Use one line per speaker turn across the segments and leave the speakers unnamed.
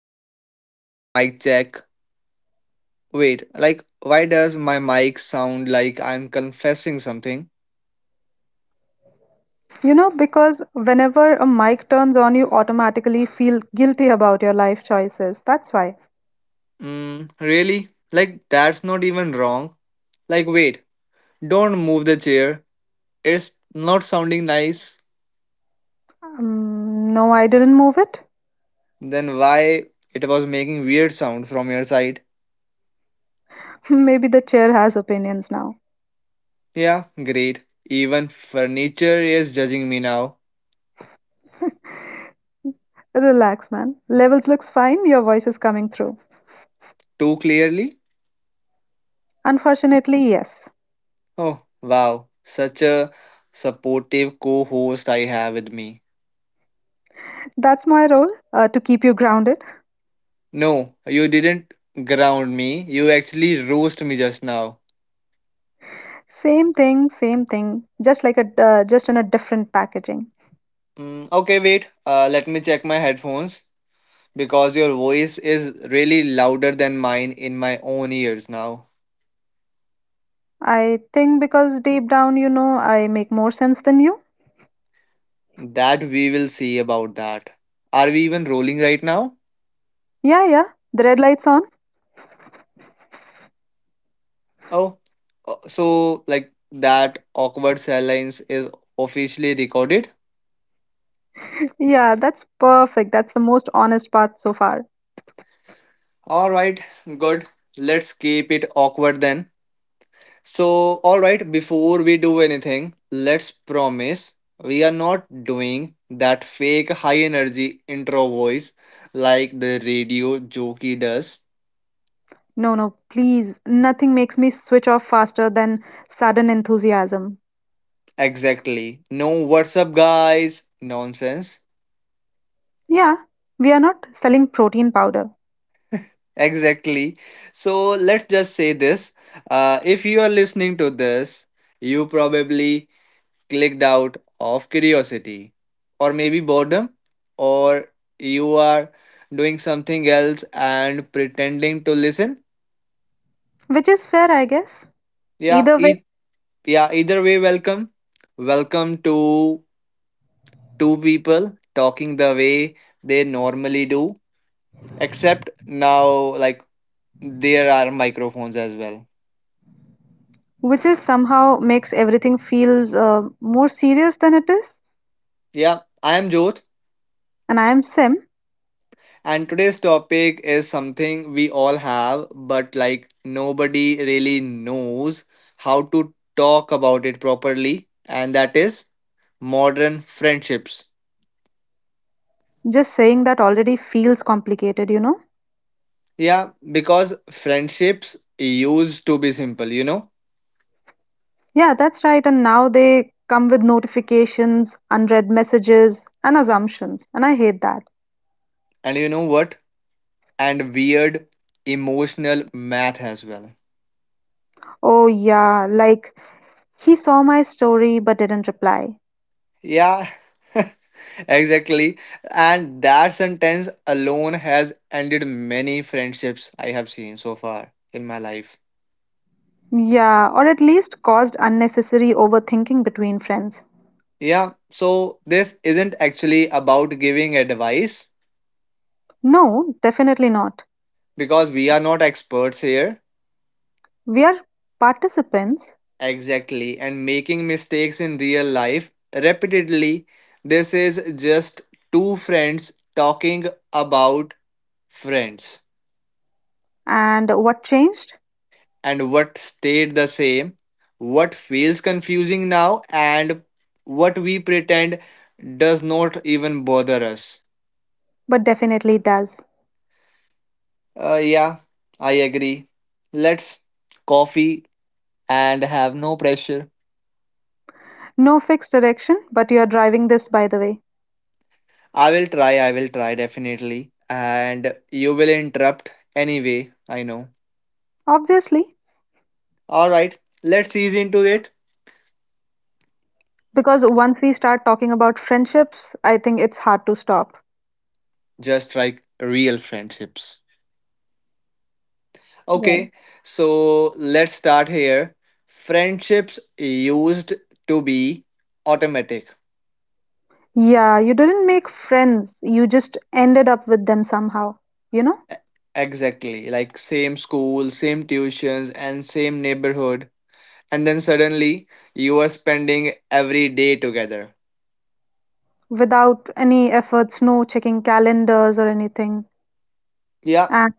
two, hello, hello, mic check. Wait, like, why does my mic sound like I'm confessing something?
You know, because whenever a mic turns on, you automatically feel guilty about your life choices. That's why.
Mm, really? Like, that's not even wrong. Like, wait, don't move the chair. It's not sounding nice.
No, I didn't move it.
Then why it was making weird sound from your side?
Maybe the chair has opinions now.
Yeah, great. Even furniture is judging me now.
Relax, man. Levels looks fine. Your voice is coming through.
Too clearly?
Unfortunately, yes.
Oh, wow. Such a supportive co host I have with me.
That's my role to keep you grounded.
No, you didn't ground me. You actually roast me just now.
Same thing, same thing. Just like a just in a different packaging.
Mm, okay, wait. Let me check my headphones because your voice is really louder than mine in my own ears now.
I think because deep down, you know, I make more sense than you.
That we will see about that. Are we even rolling right now?
Yeah, yeah. The red light's on.
Oh, so like that awkward silence is officially recorded?
Yeah, that's perfect. That's the most honest path so far.
Alright, good. Let's keep it awkward then. So, all right, before we do anything, let's promise we are not doing that fake high energy intro voice like the radio jockey does.
No, no, please. Nothing makes me switch off faster than sudden enthusiasm.
Exactly. No, what's up, guys? Nonsense.
Yeah, we are not selling protein powder,
Exactly. So, let's just say this. If you are listening to this, you probably clicked out of curiosity or maybe boredom or you are doing something else and pretending to listen.
which is fair, I guess.
yeah
Either way,
e- yeah either way, welcome, to two people talking the way they normally do, except now, like, there are microphones as well.
which is somehow makes everything feels more serious than it is.
Yeah, I am Jot.
And I am Sim.
And today's topic is something we all have, but like nobody really knows how to talk about it properly, and that is modern friendships.
Just saying that already feels complicated, you know?
Yeah, because friendships used to be simple, you know?
Yeah, that's right. And now they come with notifications, unread messages, and assumptions. And I hate that.
And you know what? And weird emotional math as well.
Oh, yeah, like he saw my story but didn't reply.
Yeah, exactly. And that sentence alone has ended many friendships I have seen so far in my life.
Yeah, or at least caused unnecessary overthinking between friends.
Yeah, so this isn't actually about giving advice
No, definitely not.
because we are not experts here.
We are participants,
Exactly, and making mistakes in real life repeatedly. This is just two friends talking about friends,
and what changed?
and what stayed the same, what feels confusing now, and what we pretend does not even bother us.
But definitely does.
Yeah, I agree. Let's coffee and have no pressure.
No fixed direction, but you are driving this by the way.
I will try definitely. And you will interrupt anyway, I know.
Obviously,
Alright, let's ease into it.
because once we start talking about friendships, I think it's hard to stop.
Just like real friendships.
Right.
Okay, so let's start here. Friendships used to be automatic.
Yeah, you didn't make friends, you just ended up with them somehow. You know?
E- Exactly, like same school, same tuitions, and same neighborhood. And then suddenly you are spending every day together.
Without any efforts, no checking calendars or anything.
Yeah,
And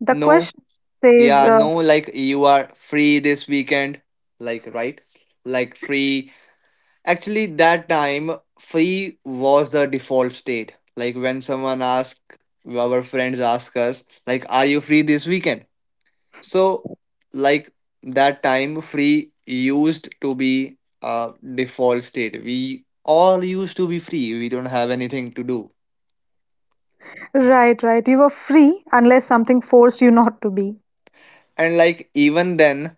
the
no.
question says,
Yeah, no, like you are free this weekend, like, right? Like, free. Actually, that time, free was the default state. Like, when someone ask, our friends ask us, like, are you free this weekend? So, like that time, free used to be a default state. We all used to be free. We don't have anything to do.
right, right, you are free unless something forced you not to be.
And like even then,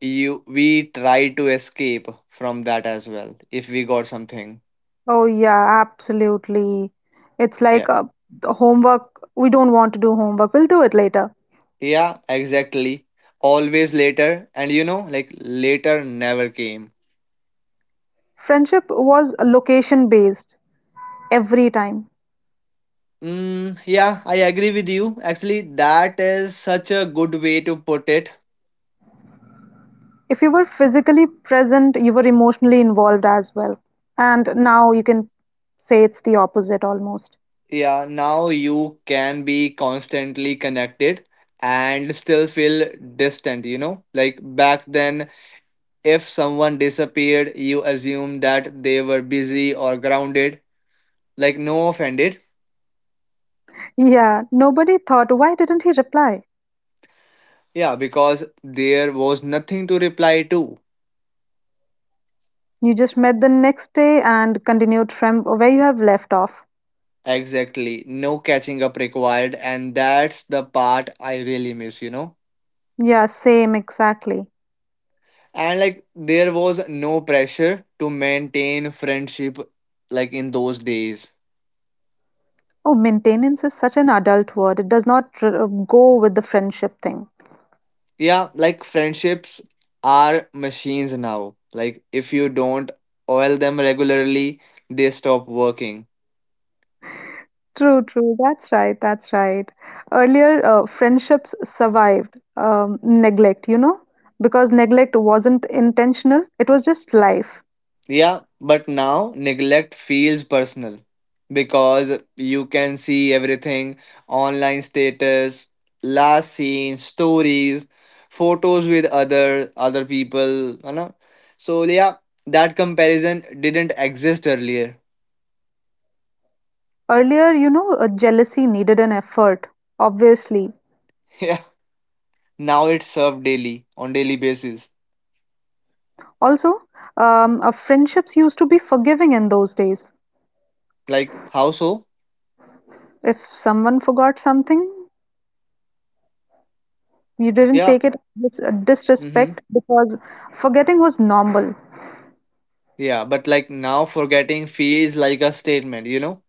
you we try to escape from that as well if we got something.
Oh, yeah, absolutely. It's
Yeah,
like the homework. We don't want to do homework. We'll do it later.
yeah, exactly, always later, and like later never came.
Friendship was location based every time.
Mm, yeah, I agree with you. Actually, that is such a good way to put it.
If you were physically present, you were emotionally involved as well. And now you can say it's the opposite almost.
Yeah, now you can be constantly connected and still feel distant. Like back then, if someone disappeared, you assumed that they were busy or grounded, like, no offended.
Yeah, nobody thought, why didn't he reply?
Yeah, because there was nothing to reply to.
You just met the next day and continued from where you have left off.
Exactly. No catching up required. And that's the part I really miss, you know?
Yeah, same, exactly.
And like, there was no pressure to maintain friendship like in those days.
Oh, maintenance is such an adult word. It does not go with the friendship thing.
Yeah, like, friendships are machines now. Like, if you don't oil them regularly, they stop working.
True, true. That's right. That's right. Earlier, friendships survived neglect, you know, because neglect wasn't intentional, it was just life.
Yeah, but now neglect feels personal because you can see everything: online status, last seen, stories, photos with other people. So yeah, that comparison didn't exist earlier.
Earlier, you know, jealousy needed an effort, obviously.
Yeah. Now it's served daily on daily basis.
Also, friendships used to be forgiving in those days.
Like, how so?
If someone forgot something, you didn't
Yeah.
take it as
Mm-hmm.
disrespect because forgetting was normal.
Yeah, but like now forgetting feels like a statement, you know?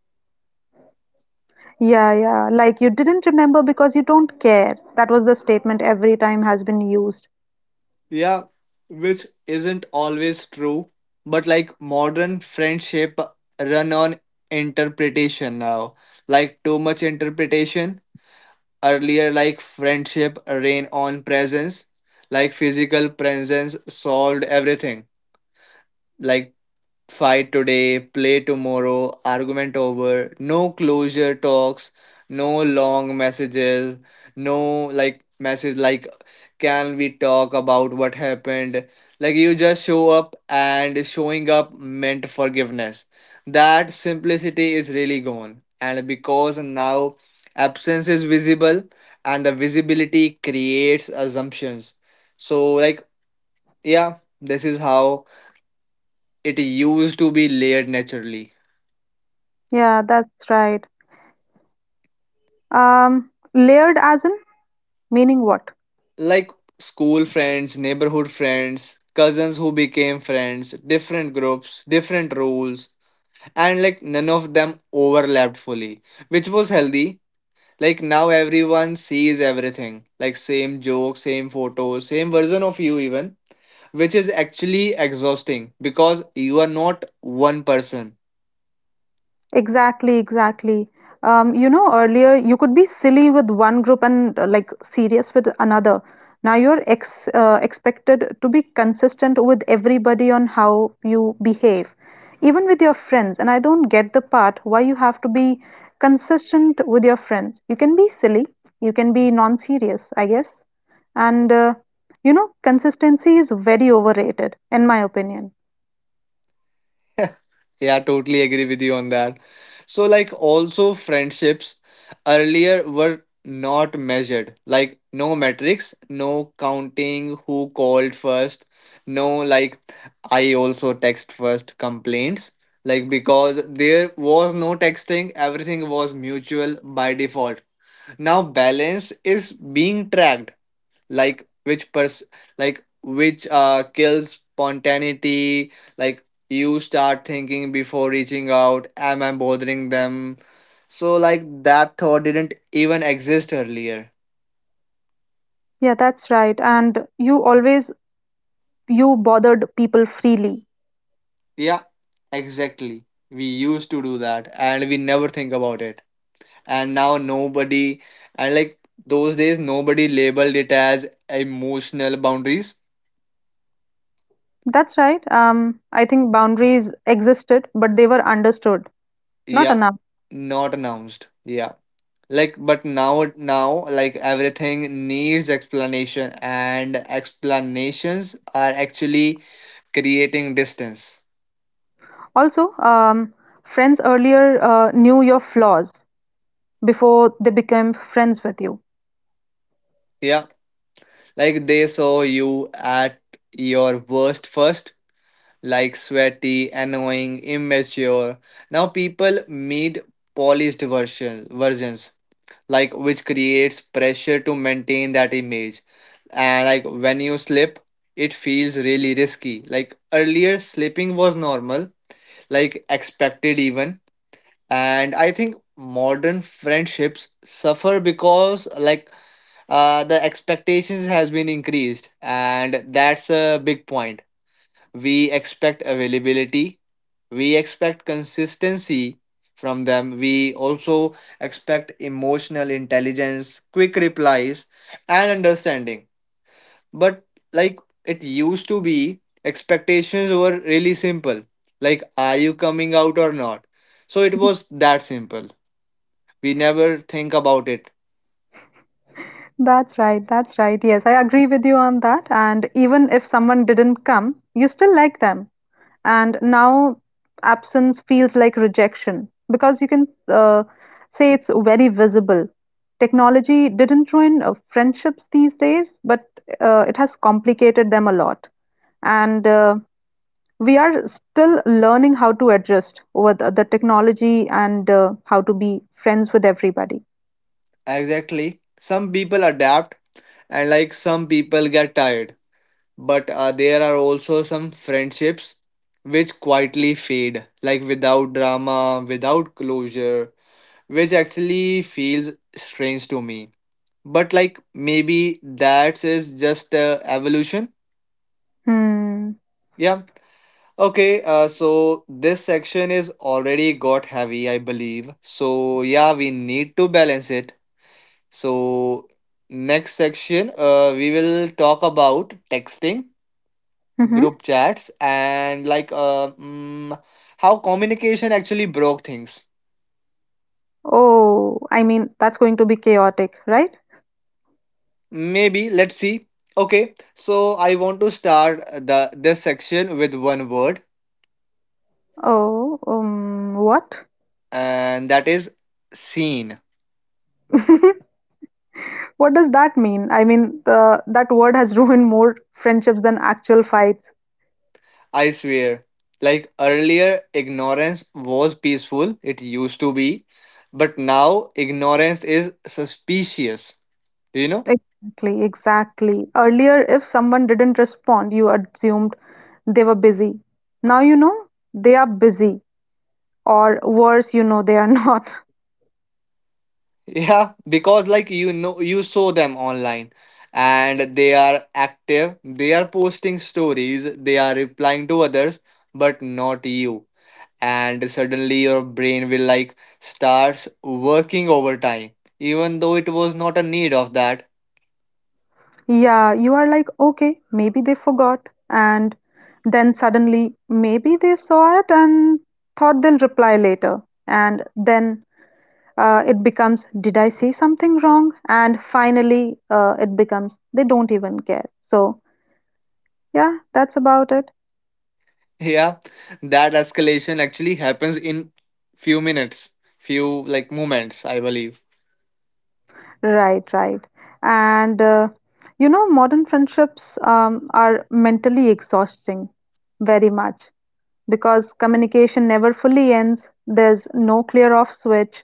Yeah, yeah. Like you didn't remember because you don't care. That was the statement every time has been used.
Yeah, which isn't always true, but like modern friendship run on interpretation now. Like, too much interpretation. Earlier, like friendship ran on presence, like physical presence solved everything. Like, fight today, play tomorrow, argument over, no closure talks, no long messages, no, like, message like, can we talk about what happened? Like, you just show up, and showing up meant forgiveness. That simplicity is really gone. And because now absence is visible, and the visibility creates assumptions. So like, yeah, this is how it used to be layered naturally.
Yeah, that's right. Layered as in meaning what?
Like, school friends, neighborhood friends, cousins who became friends, different groups, different roles, and like none of them overlapped fully, which was healthy. Like, now everyone sees everything, like same joke, same photo, same version of you, even, which is actually exhausting because you are not one person.
Exactly, exactly. You know, earlier you could be silly with one group and like serious with another. Now you're ex expected to be consistent with everybody on how you behave, even with your friends. And I don't get the part why you have to be consistent with your friends. You can be silly, you can be non-serious, I guess. And you know, consistency is very overrated, in my opinion.
Yeah, totally agree with you on that. So, like, also friendships earlier were not measured. Like, no metrics, no counting who called first, no, like, I also text first complaints. Like, because there was no texting, everything was mutual by default. Now, balance is being tracked, like which kills spontaneity. Like, you start thinking before reaching out, am I bothering them? So like, that thought didn't even exist earlier.
Yeah, that's right. And you always you bothered people freely.
Yeah, exactly, we used to do that and we never think about it. And now nobody, and like those days nobody labeled it as emotional boundaries.
That's right. I think boundaries existed, but they were understood, not
Yeah,
enough.
not announced. Yeah, like, but now like everything needs explanation, and explanations are actually creating distance.
Also, friends earlier knew your flaws before they became friends with you.
Yeah, like they saw you at your worst first, like sweaty, annoying, immature. Now people need polished versions, like which creates pressure to maintain that image, and like when you slip, it feels really risky. Like, earlier slipping was normal, like expected even. And I think modern friendships suffer because, like, the expectations has been increased, and that's a big point. We expect availability, we expect consistency from them, we also expect emotional intelligence, quick replies, and understanding. But like it used to be expectations were really simple, like, are you coming out or not? So it was that simple, we never think about it.
That's right, that's right. Yes, I agree with you on that. And even if someone didn't come, you still like them. And now absence feels like rejection because you can uh, say it's very visible. Technology didn't ruin friendships these days, but it has complicated them a lot. And we are still learning how to adjust over the technology and how to be friends with everybody.
Exactly, some people adapt, and like some people get tired, but there are also some friendships which quietly fade, like without drama, without closure, which actually feels strange to me, but like maybe that is just evolution.
Hmm.
Yeah. Okay. So this section is already got heavy, I believe. So yeah, we need to balance it. So next section, we will talk about texting,
Mm-hmm.
group chats, and like how communication actually broke things.
Oh, I mean, that's going to be chaotic, right?
Maybe let's see. Okay. So I want to start the this section with one word,
Oh, what?
and that is scene.
What does that mean? I mean, that word has ruined more friendships than actual fights.
I swear. Like earlier, ignorance was peaceful, it used to be, but now ignorance is suspicious, you know?
Exactly, exactly. Earlier, if someone didn't respond, you assumed they were busy. Now you know they are busy, or worse, you know they are not.
Yeah, because like you saw them online and they are active, they are posting stories, they are replying to others, but not you. And suddenly your brain will like starts working overtime, even though it was not a need of that.
Yeah, you are like, okay, maybe they forgot. And then suddenly, maybe they saw it and thought they'll reply later. And then it becomes, did I say something wrong? And finally, it becomes, they don't even care. So, yeah, that's about it.
Yeah, that escalation actually happens in few minutes, few like moments, I believe.
Right, right. And you know, modern friendships are mentally exhausting, very much, because communication never fully ends. There's no clear off switch.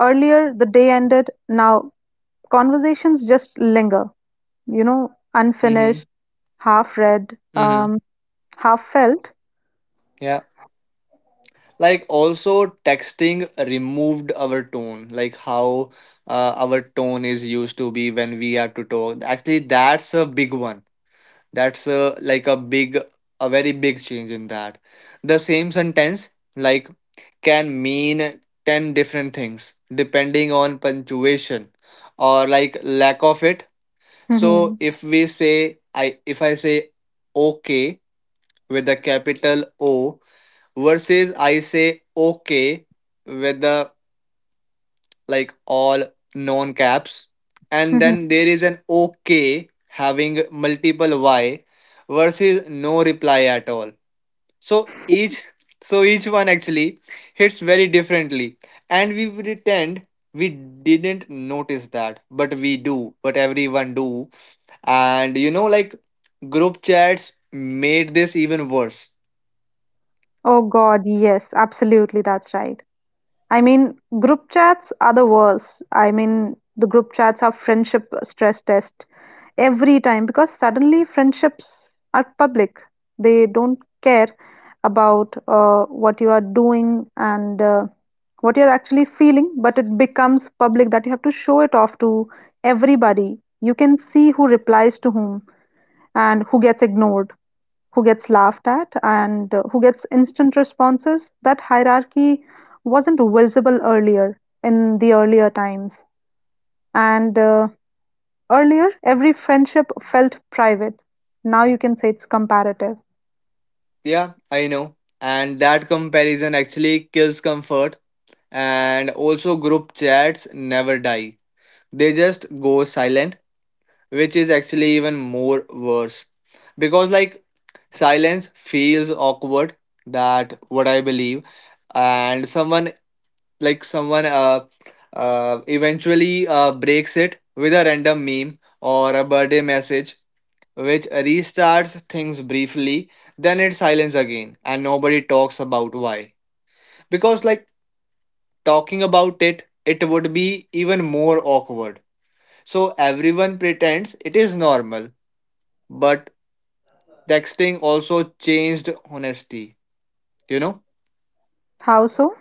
Earlier the day ended, now conversations just linger, you know,
Mm-hmm.
unfinished, half read,
Mm-hmm.
half felt.
Yeah. Like also texting removed our tone, like how our tone is used to be when we are to talk. Actually, that's a big one. That's a very big change in that. The same sentence like can mean 10 different things depending on punctuation or like lack of it. So if I say okay with the capital O, versus I say okay with the like all non caps, and then there is an okay having multiple y versus no reply at all. So each, one actually hits very differently, and we pretend we didn't notice that but we do, but everyone do. And like group chats made this even worse.
Oh God, yes, absolutely, that's right. I mean, group chats are the worst. I mean, the group chats are friendship stress test every time because suddenly friendships are public. They don't care about what you are doing and what you're actually feeling, but it becomes public that you have to show it off to everybody. You can see who replies to whom and who gets ignored, who gets laughed at, and who gets instant responses. That hierarchy wasn't visible earlier in the earlier times. And earlier, every friendship felt private. Now you can say it's comparative.
Yeah, I know, and that comparison actually kills comfort. And also group chats never die, they just go silent, which is actually even more worse, because like silence feels awkward, that what I believe. And someone, like someone uh, eventually breaks it with a random meme or a birthday message, which restarts things briefly, then it's silence again and nobody talks about why. Because like talking about it would be even more awkward, so everyone pretends it is normal. But texting also changed honesty, you know
How so?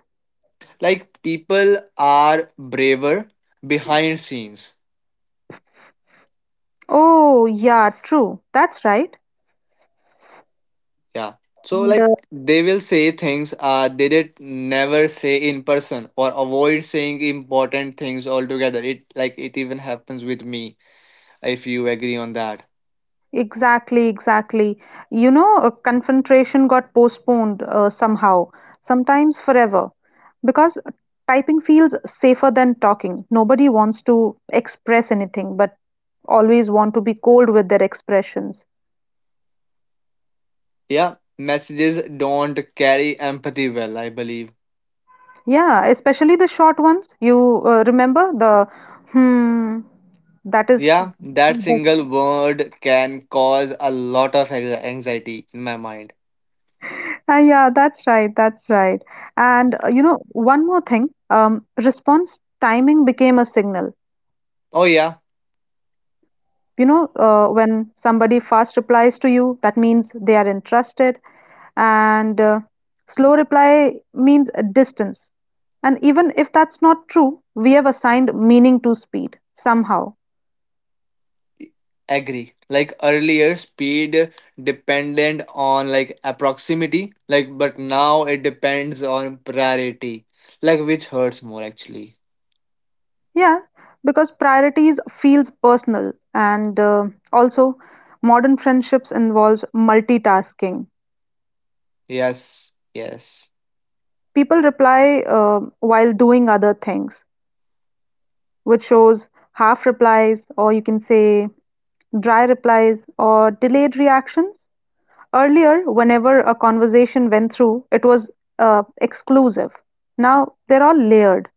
like people are braver behind scenes.
Oh, yeah, true. That's right.
Yeah, so
And
like they will say things they did never say in person or avoid saying important things altogether. It even happens with me, if you agree on that.
exactly, exactly. You know, confrontation got postponed somehow, sometimes forever, because typing feels safer than talking. Nobody wants to express anything, but always want to be cold with their expressions.
Yeah, messages don't carry empathy well, I believe.
Yeah, especially the short ones. You remember the hmm, that is.
Yeah, that single word can cause a lot of anxiety in my mind.
Ah, yeah, that's right. That's right. And you know, one more thing, response timing became a signal.
Oh yeah.
You know, when somebody fast replies to you that means they are interested and slow reply means a distance, and even if that's not true, we have assigned meaning to speed somehow.
Agree, like earlier speed depended on like a proximity, like but now it depends on priority, like which hurts more actually.
Yeah, because priorities feels personal and also modern friendships involves multitasking.
Yes, yes.
People reply while doing other things, which shows half replies, or you can say dry replies, or delayed reactions. Earlier, whenever a conversation went through, it was exclusive. Now they're all layered.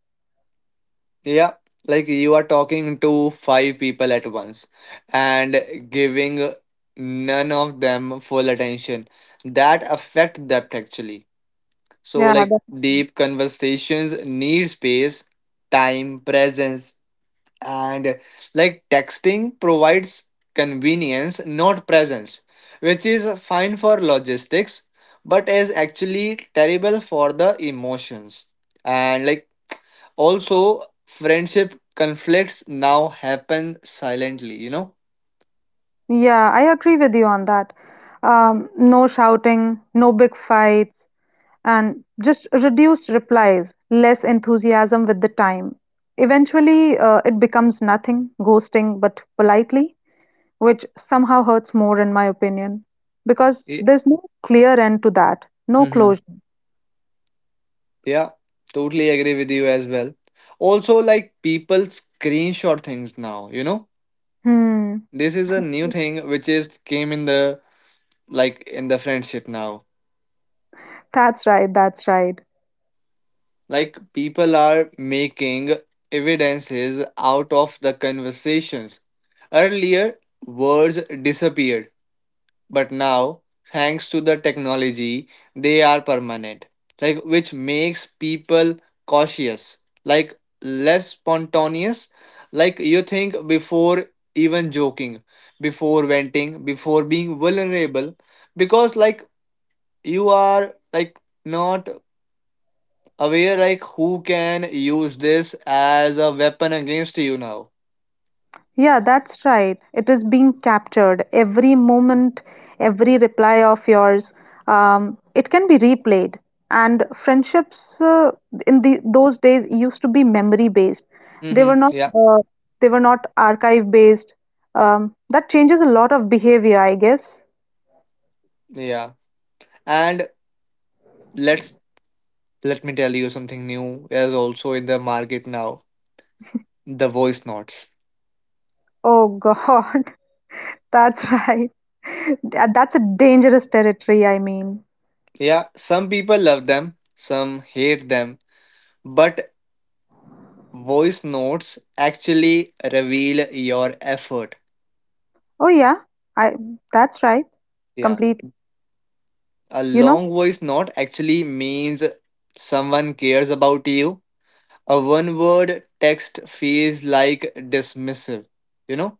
Yeah, like you are talking to five people at once and giving none of them full attention, that affect depth actually. So
Yeah,
like
that,
deep conversations need space, time, presence, and like texting provides convenience, not presence Which is fine for logistics, but is actually terrible for the emotions. And also friendship conflicts now happen silently.
yeah, I agree with you on that. No shouting, no big fights, and just reduced replies, less enthusiasm with the time. Eventually, it becomes nothing, ghosting, but politely. Which somehow hurts more in my opinion. Because
Ye-
there's no clear end to that. No
Mhm.
closure.
Yeah, totally agree with you as well. Also, like, people screenshot things now.
Hmm.
This is a new thing which is came in the, like, in the friendship now.
That's right, that's right.
Like, people are making evidences out of the conversations. Earlier, words disappeared, but now, thanks to the technology, they are permanent. Like, which makes people cautious, like less spontaneous. Like, you think before even joking, before venting, before being vulnerable, because, like, you are like not aware like who can use this as a weapon against you now.
Yeah, that's right. It is being captured. Every moment, every reply of yours, it can be replayed. And friendships in the those days used to be memory based. They were
Mm-hmm. Yeah.
not archive based. That changes a lot of behavior, I guess.
Yeah, and let's let me tell you something new is also in the market now: the voice notes.
Oh God. That's right. That's a dangerous territory, I mean.
Yeah, some people love them, some hate them, but voice notes actually reveal your effort.
Oh yeah, I that's right.
Yeah,
Completely.
a
You know?
long voice note actually means someone cares about you. A one word text feels like dismissive, you know,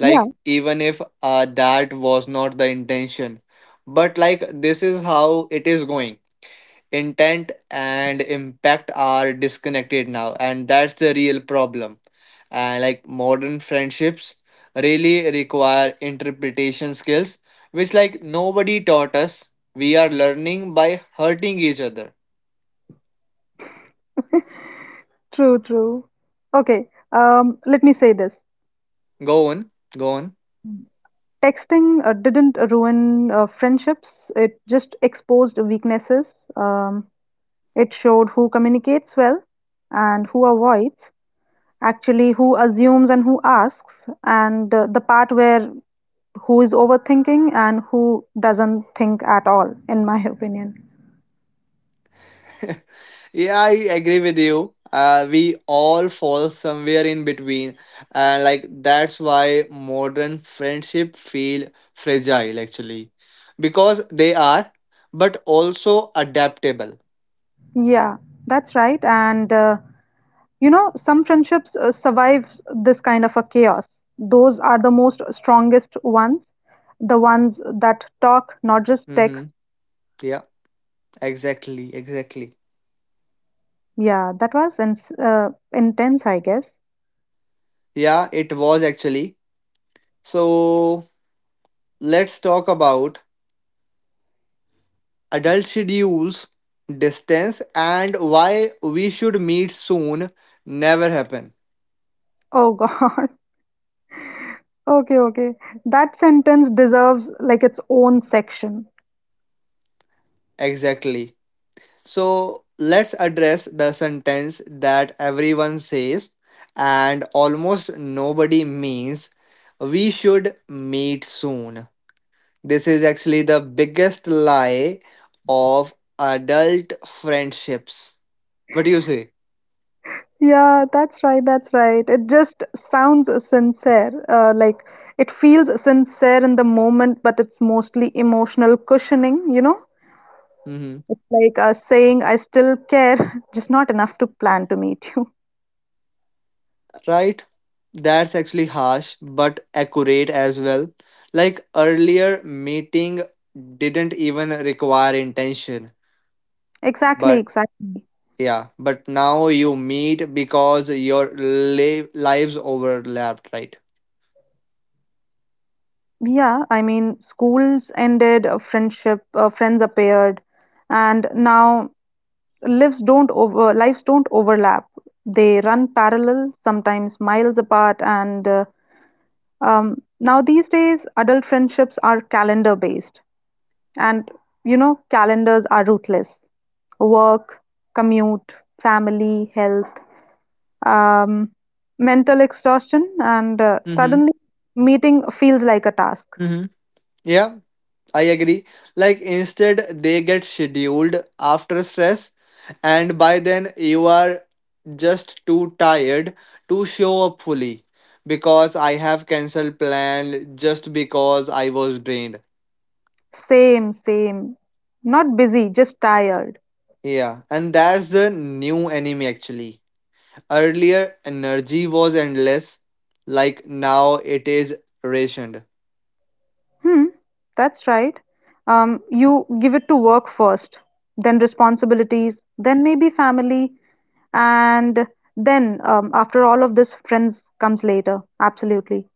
Yeah,
even if that was not the intention. But like this is how it is going. Intent and impact are disconnected now, and that's the real problem. And like modern friendships really require interpretation skills, which like nobody taught us. We are learning by hurting each other.
true, true. Okay, let me say this.
Go on, go on.
Texting didn't ruin friendships. It just exposed weaknesses. Um, it showed who communicates well and who avoids, actually who assumes and who asks, and the part where who is overthinking and who doesn't think at all, in my opinion.
Yeah, I agree with you. We all fall somewhere in between, and like that's why modern friendship feel fragile actually, because they are, but also adaptable.
Yeah, that's right. And you know, some friendships survive this kind of a chaos. Those are the most strongest ones, the ones that talk, not just text.
Mm-hmm. Yeah, exactly, exactly.
Yeah, that was intense, I guess.
Yeah, it was actually. So let's talk about adult schedules, distance, and why "we should meet soon" never happen.
Oh God. Okay, okay. That sentence deserves like its own section.
Exactly. So let's address the sentence that everyone says and almost nobody means: we should meet soon. This is actually the biggest lie of adult friendships. What do you say?
Yeah, that's right, that's right. It just sounds sincere. Like it feels sincere in the moment, but it's mostly emotional cushioning, you know?
Hmm.
It's like saying, I still care, just not enough to plan to meet you.
Right? That's actually harsh but accurate as well. Like earlier, meeting didn't even require intention,
Exactly,
but,
exactly.
yeah, but now you meet because your lives overlapped, right?
Yeah, I mean, schools ended, friends appeared, and now lives don't overlap. They run parallel, sometimes miles apart, and um, now these days, adult friendships are calendar based, and you know, calendars are ruthless. Work, commute, family, health, um, mental exhaustion, and
Mm-hmm.
suddenly meeting feels like a task.
Mm-hmm. Yeah, I agree. Like instead, they get scheduled after stress, and by then you are just too tired to show up fully, because I have cancelled plan just because I was drained.
Same, same. Not busy, just tired.
Yeah, and that's the new enemy actually. Earlier, energy was endless, like now it is rationed.
Hmm, that's right. You give it to work first, then responsibilities, then maybe family, and then, after all of this, friends comes later. Absolutely.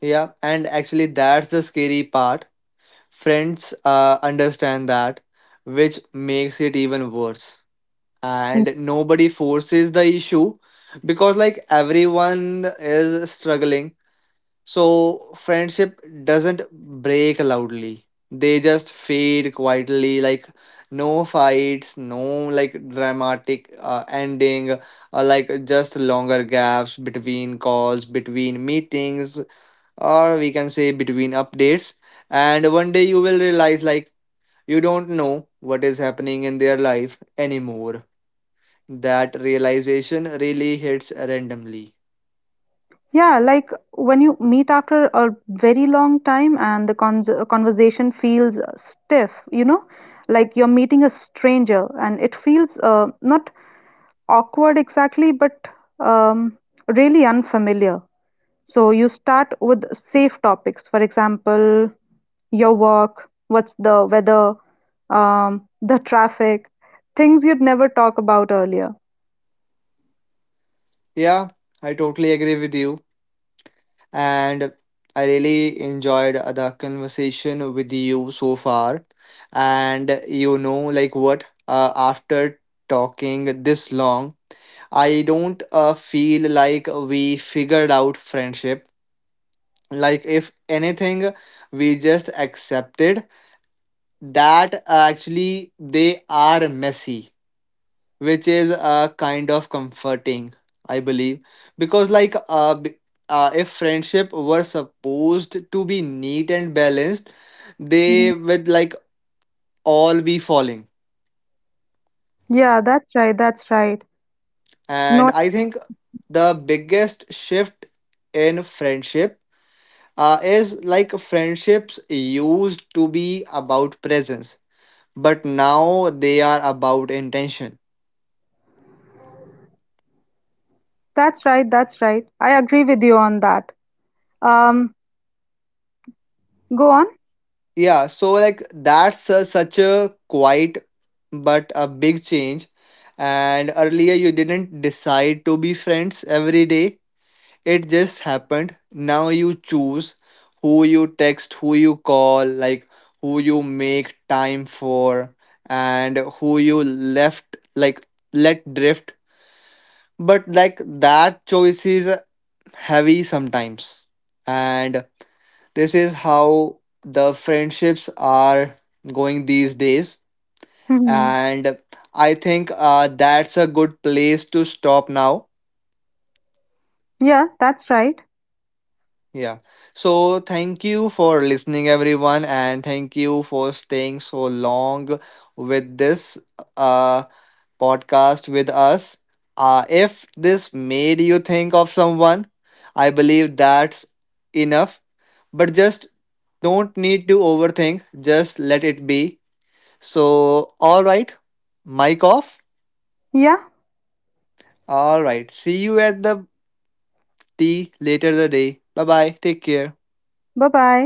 Yeah, and actually, that's the scary part. Friends understand that, which makes it even worse.
Mm.
And nobody forces the issue because, like, everyone is struggling. So, friendship doesn't break loudly, they just fade quietly. Like, no fights, no like dramatic ending, like just longer gaps between calls, between meetings, or we can say between updates. And one day you will realize like you don't know what is happening in their life anymore. That realization really hits randomly.
Yeah, like when you meet after a very long time and the conversation feels stiff, you know, like you're meeting a stranger and it feels not awkward exactly, but um, really unfamiliar. So you start with safe topics, for example, your work, what's the weather, the traffic, things you'd never talk about earlier.
Yeah, I totally agree with you. And I really enjoyed the conversation with you so far. And you know like what, after talking this long, I don't feel like we figured out friendship. Like if anything, we just accepted that, actually they are messy, which is a kind of comforting, I believe. Because like if friendship were supposed to be neat and balanced,
Mhm.
they would like all be falling.
Yeah, that's right, that's right.
And
No,
I think the biggest shift in friendship, is like friendships used to be about presence, but now they are about intention.
that's right, that's right. I agree with you on that. Um, go on.
Yeah, so like that's a, such a quiet but a big change. And earlier you didn't decide to be friends every day, it just happened. Now you choose who you text, who you call, like who you make time for, and who you left, like, let drift. But like that choice is heavy sometimes. And this is how the friendships are going these days.
Mhm.
And I think that's a good place to stop now.
Yeah, that's right.
Yeah. So thank you for listening, everyone. And thank you for staying so long with this, uh, podcast with us. If this made you think of someone, I believe that's enough. But just don't need to overthink, just let it be. So, all right, mic off.
Yeah,
All right, see you at the tea later the day. Bye bye, take care.
bye bye.